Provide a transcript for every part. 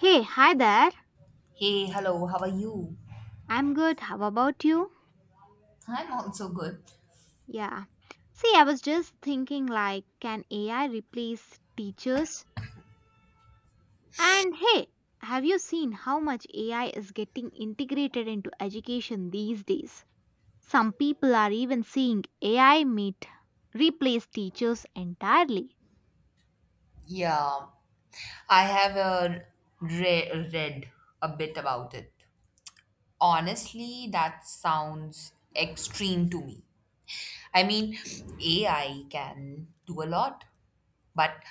Hey, hi there. Hey, hello, how are you? I'm good. How about you? I'm also good. Yeah. See, I was just thinking like, can AI replace teachers? And hey, have you seen how much AI is getting integrated into education these days? Some people are even seeing AI meet replace teachers entirely. Yeah, I have read a bit about it. Honestly, that sounds extreme to me. I mean, AI can do a lot, but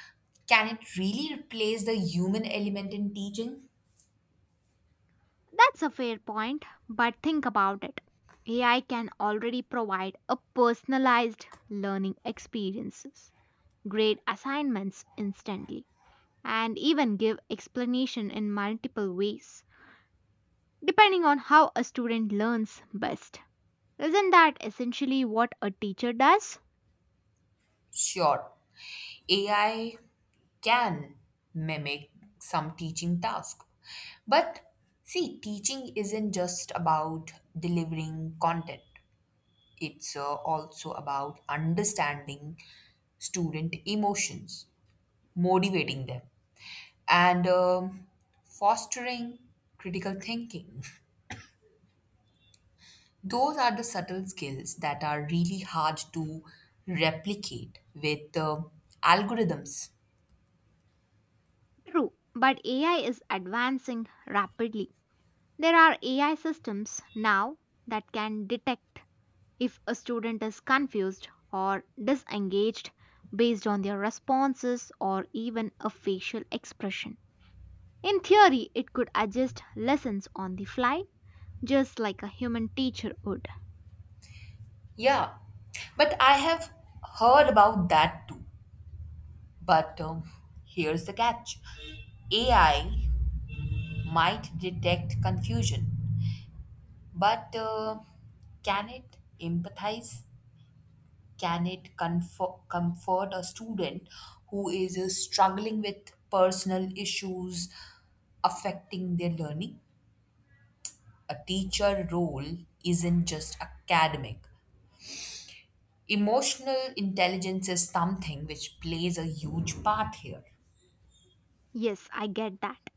can it really replace the human element in teaching? That's a fair point, but think about it. AI can already provide a personalized learning experiences, grade assignments instantly and even give explanation in multiple ways depending on how a student learns best. Isn't that essentially what a teacher does? Sure, AI can mimic some teaching task, but see, teaching isn't just about delivering content. It's also about understanding student emotions, motivating them, and fostering critical thinking. Those are the subtle skills that are really hard to replicate with algorithms. True, but AI is advancing rapidly. There are AI systems now that can detect if a student is confused or disengaged based on their responses or even a facial expression. In theory, it could adjust lessons on the fly, just like a human teacher would. Yeah, but I have heard about that too. But here's the catch. AI might detect confusion, but can it empathize? Can it comfort a student who is struggling with personal issues affecting their learning? A teacher role isn't just academic. Emotional intelligence is something which plays a huge part here. Yes, I get that.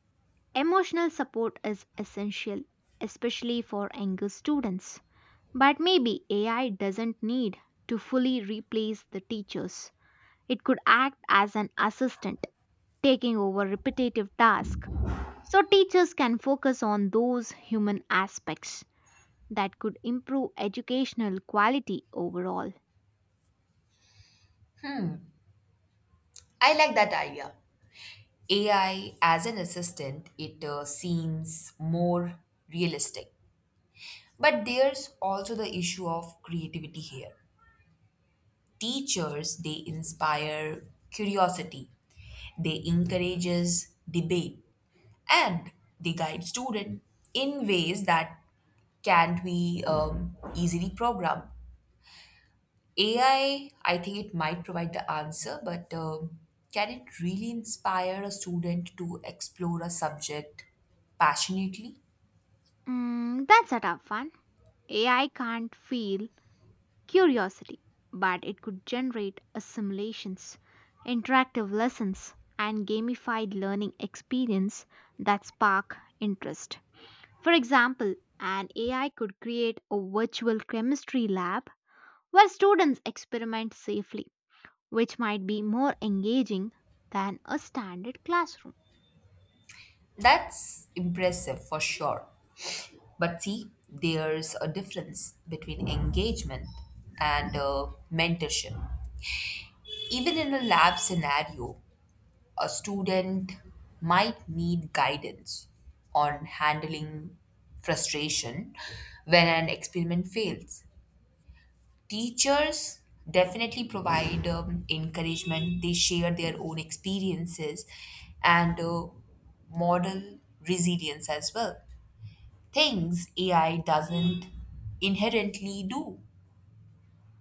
Emotional support is essential, especially for younger students. But maybe AI doesn't need to fully replace the teachers. It could act as an assistant, taking over repetitive tasks. So teachers can focus on those human aspects that could improve educational quality overall. I like that idea. AI as an assistant, it seems more realistic. But there's also the issue of creativity here. Teachers, they inspire curiosity, they encourages debate, and they guide students in ways that can't be easily programmed. AI, I think it might provide the answer, but can it really inspire a student to explore a subject passionately? That's a tough one. AI can't feel curiosity, but it could generate a simulations, interactive lessons, and gamified learning experience that spark interest. For example, an AI could create a virtual chemistry lab where students experiment safely, which might be more engaging than a standard classroom. That's impressive for sure. But see, there's a difference between engagement and mentorship. Even in a lab scenario, a student might need guidance on handling frustration when an experiment fails. Teachers definitely provide encouragement, they share their own experiences and model resilience as well. Things AI doesn't inherently do.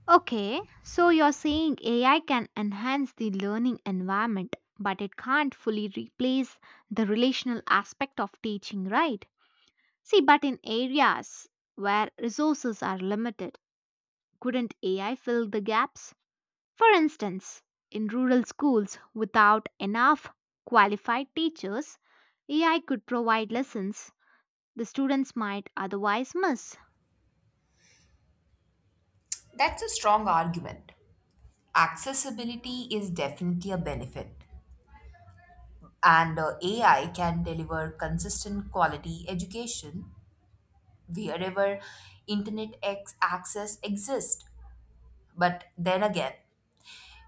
Okay, so you're saying AI can enhance the learning environment, but it can't fully replace the relational aspect of teaching, right? See, but in areas where resources are limited, couldn't AI fill the gaps? For instance, in rural schools without enough qualified teachers, AI could provide lessons the students might otherwise miss. That's a strong argument. Accessibility is definitely a benefit, and AI can deliver consistent quality education wherever internet access exists. But then again,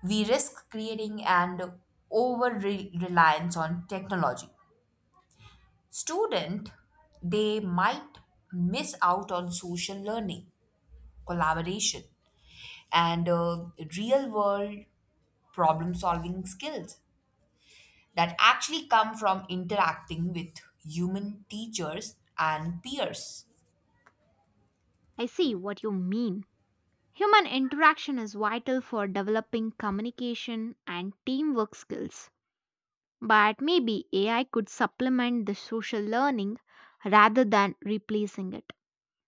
we risk creating an over reliance on technology. Student, they might miss out on social learning, collaboration, and real world problem solving skills that actually come from interacting with human teachers and peers. I see what you mean. Human interaction is vital for developing communication and teamwork skills. But maybe AI could supplement the social learning rather than replacing it.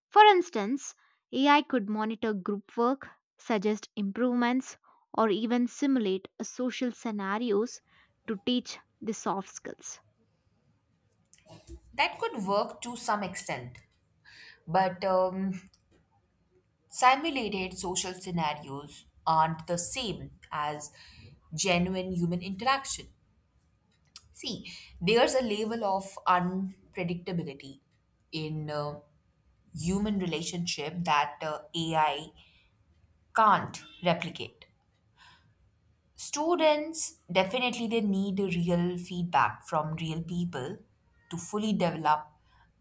For instance, AI could monitor group work, suggest improvements, or even simulate a social scenarios to teach the soft skills. That could work to some extent, but simulated social scenarios aren't the same as genuine human interaction. See, there's a level of unpredictability in human relationship that AI can't replicate. Students definitely they need real feedback from real people to fully develop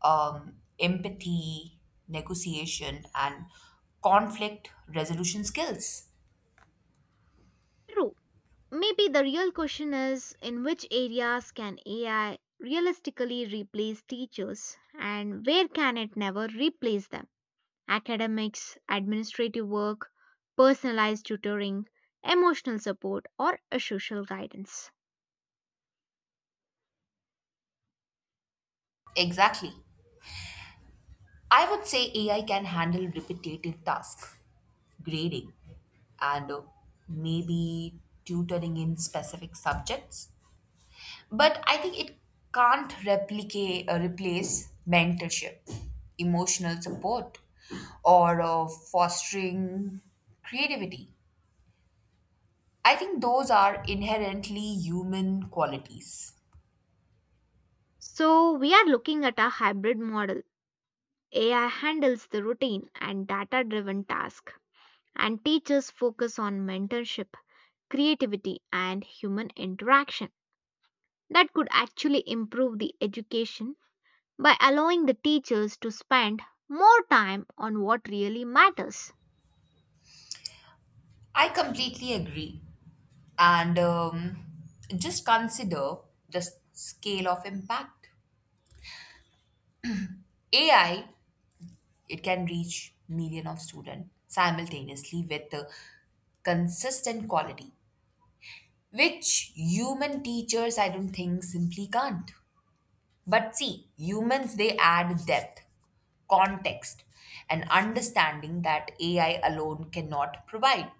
empathy, negotiation, and conflict resolution skills. True, maybe the real question is in which areas can AI realistically replace teachers and where can it never replace them? Academics, administrative work, personalized tutoring, emotional support, or a social guidance. Exactly. I would say AI can handle repetitive tasks, grading, and maybe tutoring in specific subjects. But I think it can't replicate replace mentorship, emotional support, or fostering creativity. I think those are inherently human qualities. So, we are looking at a hybrid model. AI handles the routine and data driven task, and teachers focus on mentorship, creativity, and human interaction. That could actually improve the education by allowing the teachers to spend more time on what really matters. I completely agree, and just consider the scale of impact. AI, it can reach million of students simultaneously with consistent quality, which human teachers, I don't think, simply can't. But see, humans, they add depth, context, and understanding that AI alone cannot provide.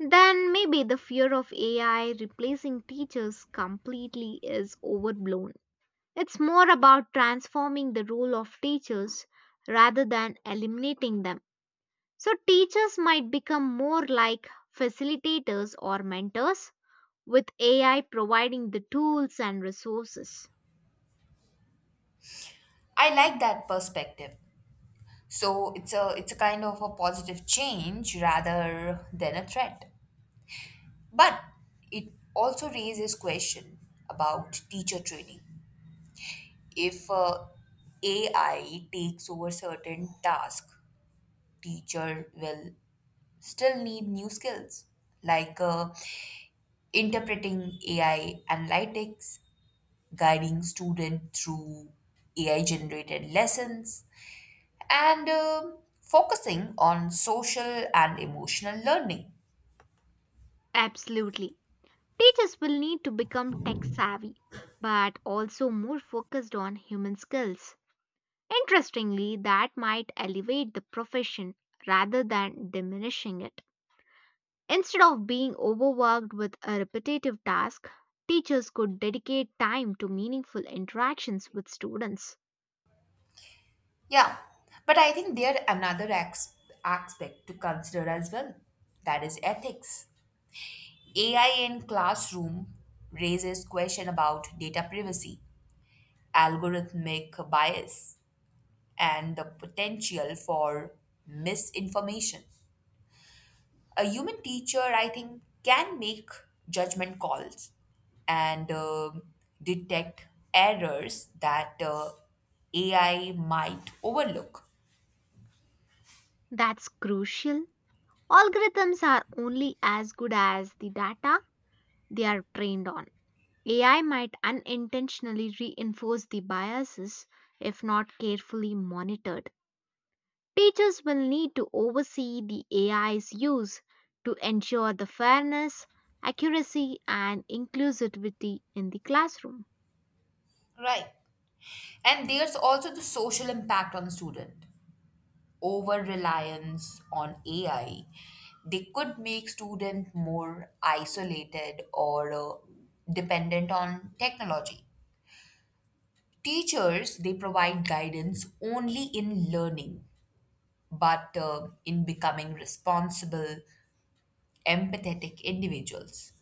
Then maybe the fear of AI replacing teachers completely is overblown. It's more about transforming the role of teachers rather than eliminating them. So, teachers might become more like facilitators or mentors, with AI providing the tools and resources. I like that perspective. So it's a kind of a positive change rather than a threat. But it also raises question about teacher training. If AI takes over certain tasks, teacher will still need new skills like interpreting AI analytics, guiding student through AI generated lessons, and focusing on social and emotional learning. Absolutely. Teachers will need to become tech savvy, but also more focused on human skills. Interestingly, that might elevate the profession rather than diminishing it. Instead of being overworked with a repetitive task, teachers could dedicate time to meaningful interactions with students. Yeah, but I think there another aspect to consider as well. That is ethics. AI in classroom raises question about data privacy, algorithmic bias, and the potential for misinformation. A human teacher, I think, can make judgment calls and detect errors that AI might overlook. That's crucial. Algorithms are only as good as the data they are trained on. AI might unintentionally reinforce the biases if not carefully monitored. Teachers will need to oversee the AI's use to ensure the fairness, accuracy, and inclusivity in the classroom. Right. And there's also the social impact on the student. Over reliance on AI, they could make students more isolated or dependent on technology. Teachers, they provide guidance only in learning, but in becoming responsible, empathetic individuals.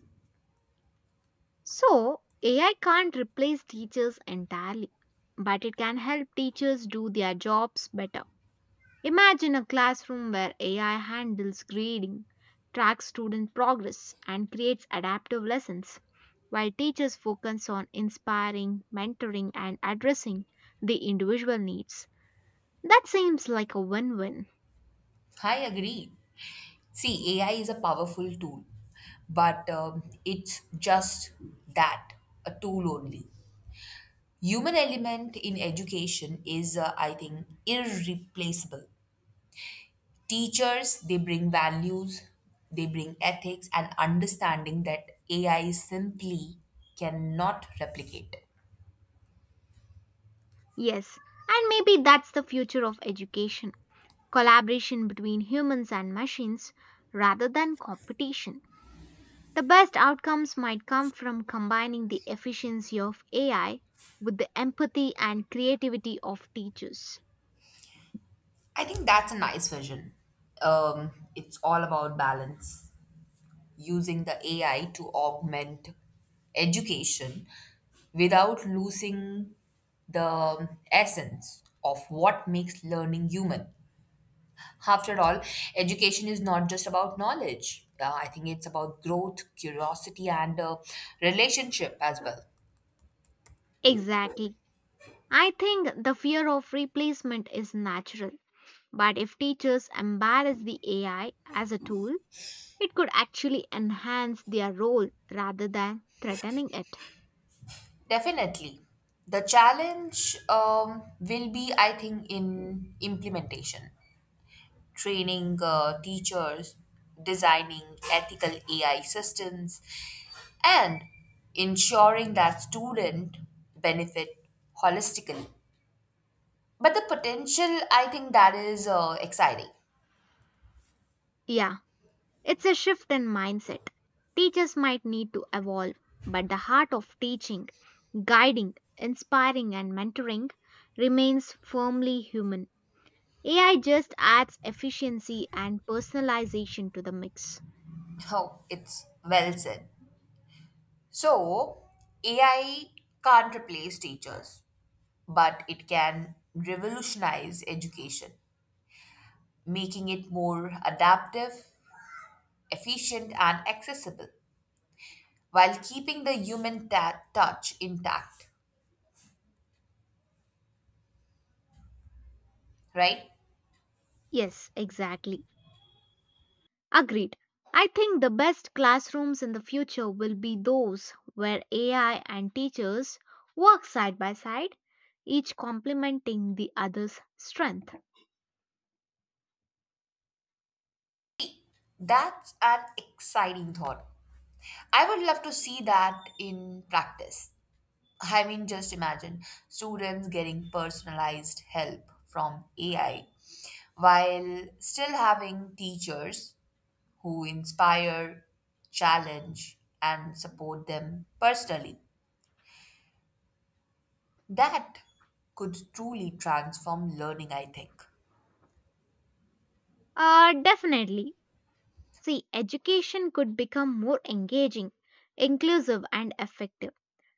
So, AI can't replace teachers entirely, but it can help teachers do their jobs better. Imagine a classroom where AI handles grading, tracks student progress, and creates adaptive lessons, while teachers focus on inspiring, mentoring, and addressing the individual needs. That seems like a win win. I agree. See, AI is a powerful tool, but it's just that a tool only. Human element in education is , I think, irreplaceable. Teachers, they bring values, they bring ethics and understanding that AI simply cannot replicate. Yes, and maybe that's the future of education collaboration between humans and machines rather than competition. The best outcomes might come from combining the efficiency of AI with the empathy and creativity of teachers. I think that's a nice vision. It's all about balance, using the AI to augment education without losing the essence of what makes learning human. After all, education is not just about knowledge. I think it's about growth, curiosity, and relationship as well. Exactly. I think the fear of replacement is natural, but if teachers embrace the AI as a tool, it could actually enhance their role rather than threatening it. Definitely. The challenge, will be, I think, in implementation, training teachers, designing ethical AI systems, and ensuring that student benefit holistically. But the potential, I think, that is exciting. Yeah, it's a shift in mindset. Teachers might need to evolve, but the heart of teaching guiding, inspiring, and mentoring remains firmly human. AI just adds efficiency and personalization to the mix. Oh, it's well said. So, AI can't replace teachers, but it can revolutionize education, making it more adaptive, efficient, and accessible while keeping the human touch intact, right? Yes, exactly. Agreed. I think the best classrooms in the future will be those where AI and teachers work side by side, each complementing the other's strength. That's an exciting thought. I would love to see that in practice. I mean, just imagine students getting personalized help from AI while still having teachers who inspire, challenge, and support them personally. That could truly transform learning, I think. Definitely. See, education could become more engaging, inclusive, and effective.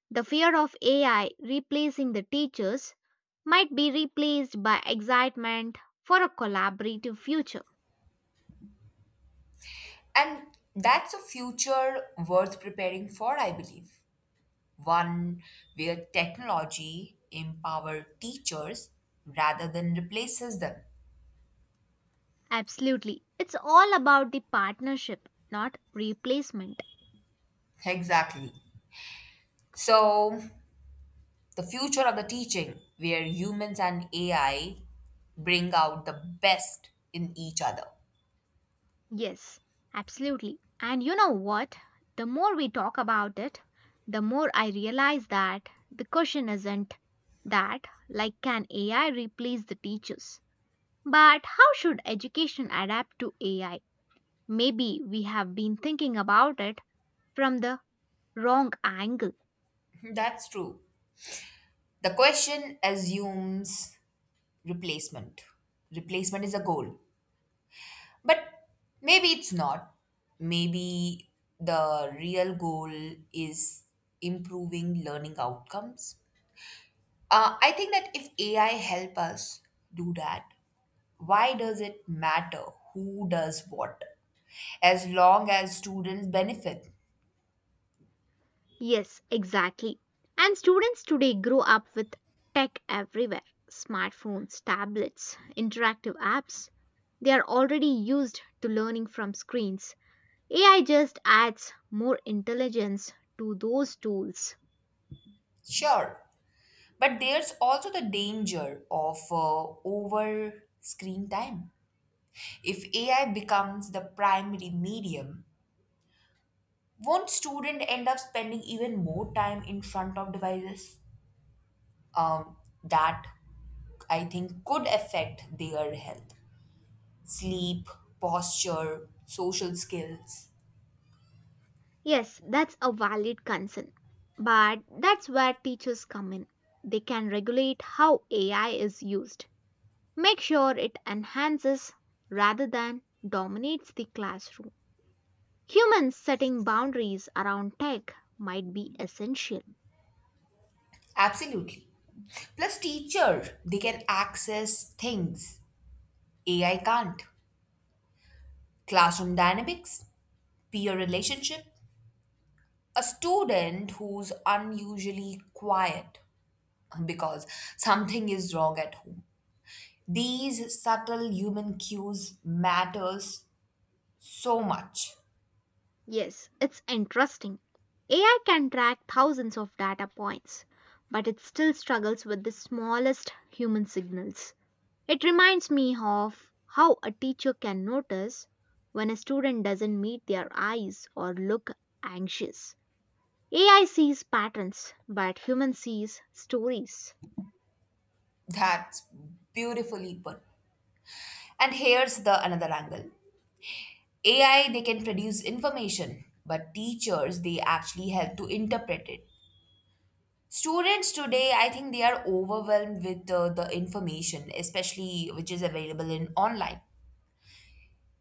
The fear of AI replacing the teachers might be replaced by excitement for a collaborative future. And that's a future worth preparing for, I believe. One where technology empower teachers rather than replaces them. Absolutely. It's all about the partnership, not replacement. Exactly. So, the future of the teaching, where humans and AI bring out the best in each other. Yes, absolutely. And you know what? The more we talk about it, the more I realize that the question isn't that, like, can AI replace the teachers? But how should education adapt to AI? Maybe we have been thinking about it from the wrong angle. That's true. The question assumes replacement. Replacement is a goal. But maybe it's not. Maybe the real goal is improving learning outcomes. I think that if AI help us do that, why does it matter who does what, as long as students benefit? Yes, exactly. And students today grow up with tech everywhere smartphones, tablets, interactive apps. They are already used to learning from screens. AI just adds more intelligence to those tools. Sure, but there's also the danger of over screen time. If AI becomes the primary medium, won't student end up spending even more time in front of devices? Um, that I think could affect their health, sleep, posture, social skills. Yes, that's a valid concern. But that's where teachers come in. They can regulate how AI is used. Make sure it enhances rather than dominates the classroom. Humans setting boundaries around tech might be essential. Absolutely. Plus, teacher, they can access things AI can't: classroom dynamics, peer relationship, a student who's unusually quiet because something is wrong at home. These subtle human cues matters so much. Yes, it's interesting. AI can track thousands of data points, but it still struggles with the smallest human signals. It reminds me of how a teacher can notice when a student doesn't meet their eyes or look anxious. AI sees patterns, but human sees stories. That's beautifully put. And here's the another angle. AI they can produce information, but teachers they actually help to interpret it. Students today, I think they are overwhelmed with the information, especially which is available in online.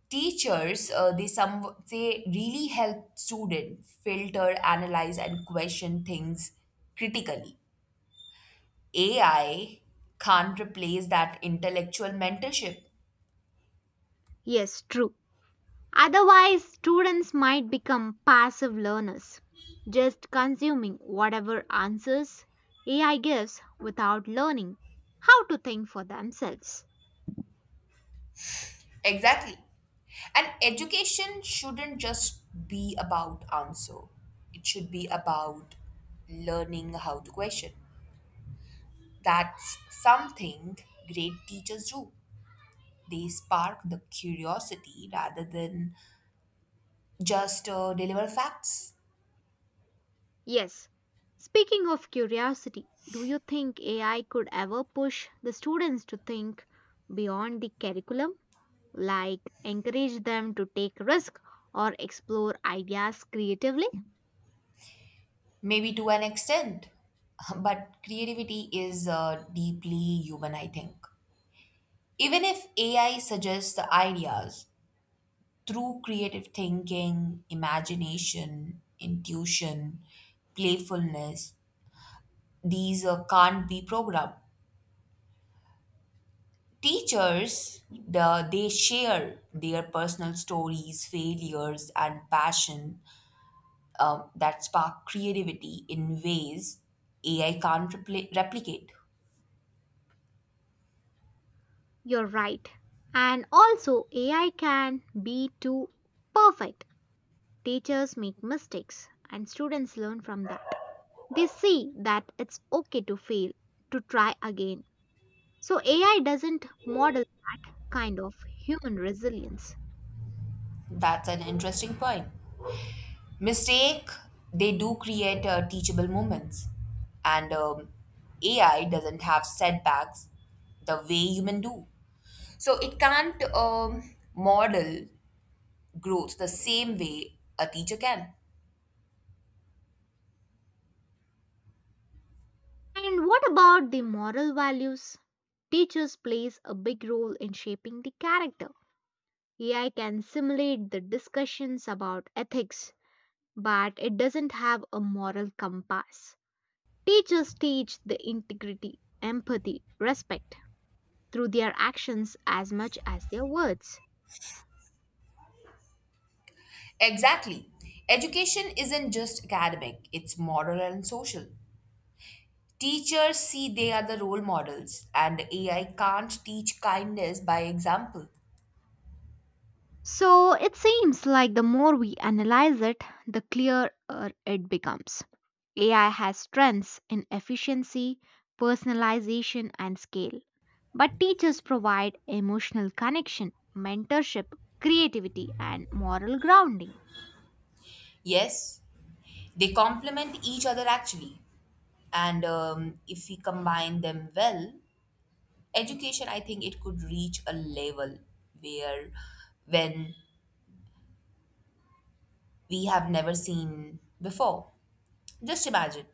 Teachers, they really help students filter, analyze, and question things critically. AI can't replace that intellectual mentorship. Yes, true. Otherwise, students might become passive learners, just consuming whatever answers AI gives without learning how to think for themselves. Exactly. And education shouldn't just be about answer, it should be about learning how to question. That's something great teachers do. They spark the curiosity rather than just deliver facts. Yes, speaking of curiosity, do you think AI could ever push the students to think beyond the curriculum, like encourage them to take risk or explore ideas creatively? Maybe to an extent, but creativity is deeply human, I think. Even if AI suggests the ideas, through creative thinking, imagination, intuition, playfulness, these can't be programmed. Teachers, they share their personal stories, failures, and passion, that spark creativity in ways AI can't replicate. You're right. And also, AI can be too perfect. Teachers make mistakes, and students learn from that. They see that it's okay to fail, to try again. So, AI doesn't model that kind of human resilience. That's an interesting point. Mistake, they do create teachable moments. And AI doesn't have setbacks the way human do. So it can't model growth the same way a teacher can. And what about the moral values? Teachers plays a big role in shaping the character. AI can simulate the discussions about ethics, but it doesn't have a moral compass. Teachers teach the integrity, empathy, respect through their actions as much as their words. Exactly. Education isn't just academic, it's moral and social. Teachers see they are the role models, and AI can't teach kindness by example. So it seems like the more we analyze it, the clearer it becomes. AI has strengths in efficiency, personalization, and scale. But teachers provide emotional connection, mentorship, creativity, and moral grounding. Yes, they complement each other actually. And if we combine them well, education, I think it could reach a level where when we have never seen before. Just imagine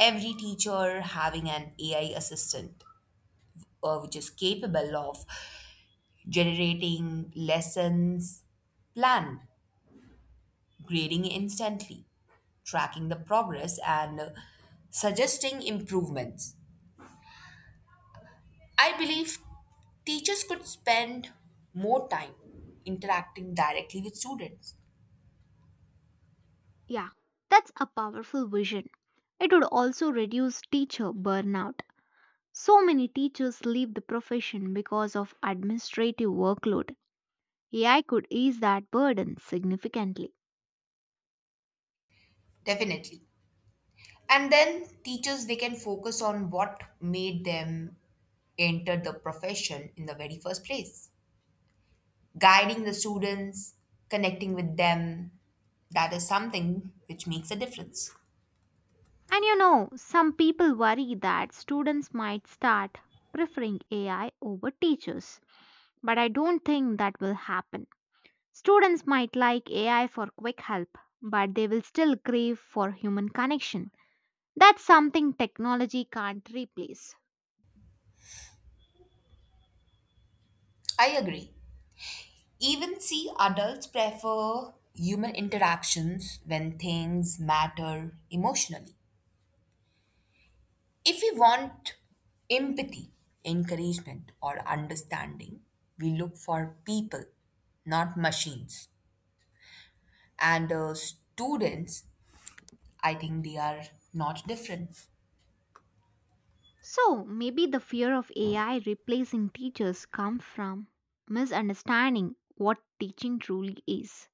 every teacher having an AI assistant, which is capable of generating lessons planned, grading instantly, tracking the progress, and suggesting improvements. I believe teachers could spend more time interacting directly with students. Yeah, that's a powerful vision. It would also reduce teacher burnout. So many teachers leave the profession because of administrative workload. AI could ease that burden significantly. Definitely. And then teachers, they can focus on what made them enter the profession in the very first place. Guiding the students, connecting with them, that is something which makes a difference. And you know, some people worry that students might start preferring AI over teachers. But I don't think that will happen. Students might like AI for quick help, but they will still crave for human connection. That's something technology can't replace. I agree. Even see, adults prefer human interactions when things matter emotionally. If we want empathy, encouragement, or understanding, we look for people, not machines. And students, I think they are not different. So maybe the fear of AI replacing teachers comes from misunderstanding what teaching truly is.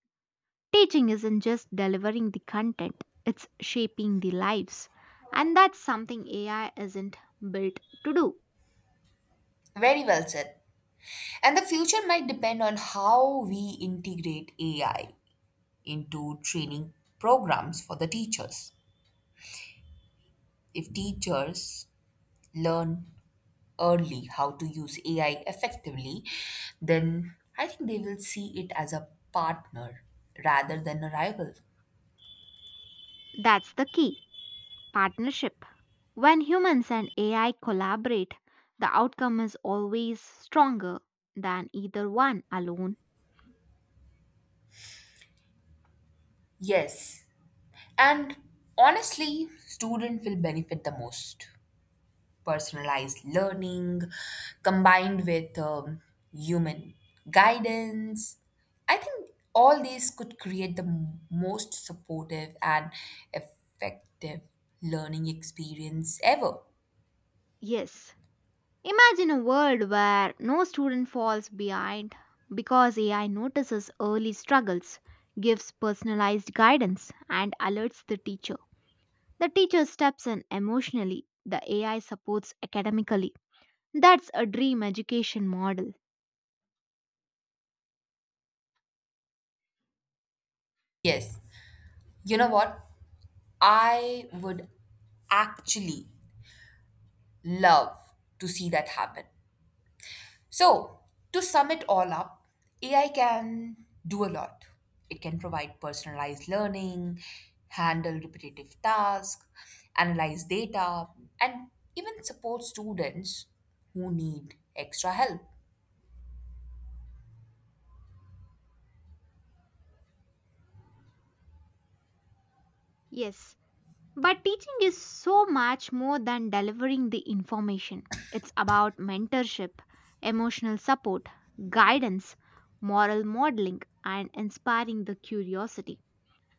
Teaching isn't just delivering the content, it's shaping the lives. And that's something AI isn't built to do. Very well said. And the future might depend on how we integrate AI into training programs for the teachers. If teachers learn early how to use AI effectively, then I think they will see it as a partner rather than a rival. That's the key partnership. When humans and AI collaborate, the outcome is always stronger than either one alone. Yes. And honestly, student will benefit the most. Personalized learning combined with human guidance. I think all these could create the most supportive and effective learning experience ever. Yes. Imagine a world where no student falls behind because AI notices early struggles, gives personalized guidance, and alerts the teacher. The teacher steps in emotionally, the AI supports academically. That's a dream education model. Yes. You know what? I would actually love to see that happen. So, to sum it all up, AI can do a lot. It can provide personalized learning, handle repetitive tasks, analyze data, and even support students who need extra help. Yes, but teaching is so much more than delivering the information. It's about mentorship, emotional support, guidance, moral modeling, and inspiring the curiosity.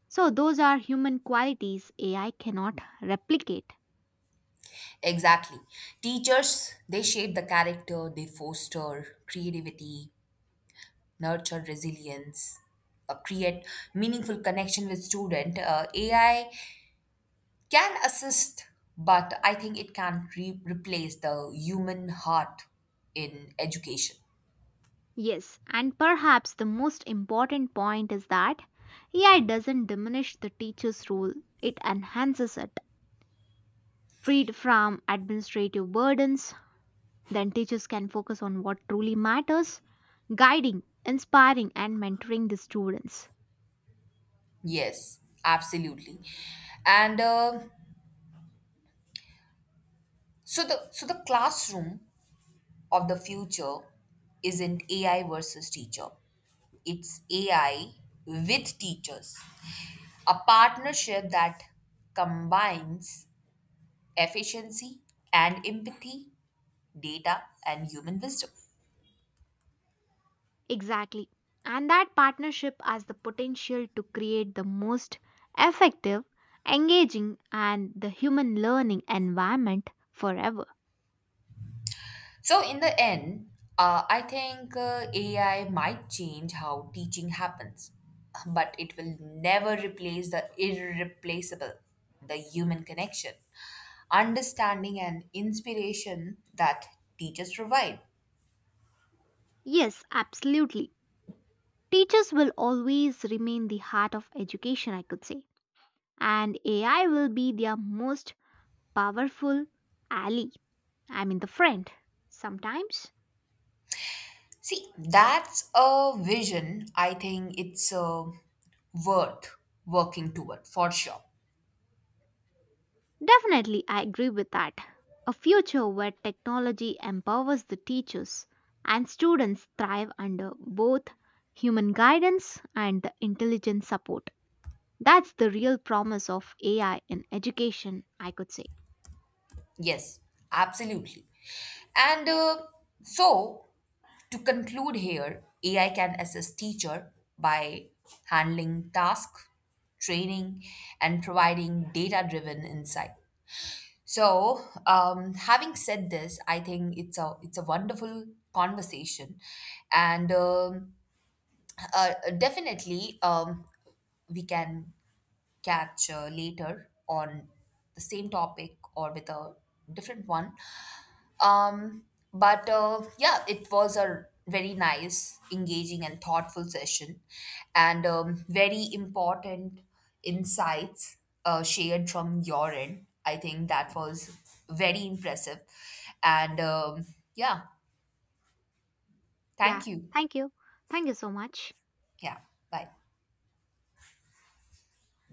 So, those are human qualities AI cannot replicate. Exactly. Teachers, they shape the character, they foster creativity, nurture resilience, create meaningful connection with student. AI can assist, but I think it can't replace the human heart in education. Yes, and perhaps the most important point is that AI doesn't diminish the teacher's role, it enhances it. Freed from administrative burdens, then teachers can focus on what truly matters guiding, inspiring, and mentoring the students. Yes, absolutely. And so the classroom of the future isn't AI versus teacher. It's AI with teachers, a partnership that combines efficiency and empathy, data, and human wisdom. Exactly. And that partnership has the potential to create the most effective, engaging, and the human learning environment forever. So, in the end, I think AI might change how teaching happens, but it will never replace the irreplaceable: the human connection, understanding, and inspiration that teachers provide. Yes, absolutely. Teachers will always remain the heart of education, I could say. And AI will be their most powerful ally. I mean, the friend. Sometimes. See, that's a vision I think it's worth working toward for sure. Definitely, I agree with that. A future where technology empowers the teachers and students thrive under both human guidance and the intelligent support. That's the real promise of AI in education, I could say. Yes, absolutely. And so to conclude here, AI can assist teacher by handling task, training, and providing data-driven insight. So, having said this, I think it's a wonderful conversation, and definitely we can catch later on the same topic or with a different one. Um, but Yeah, it was a very nice, engaging, and thoughtful session, and very important insights shared from your end. I think that was very impressive. And yeah, Yeah, thank you. thank you. Thank you so much. Yeah, bye.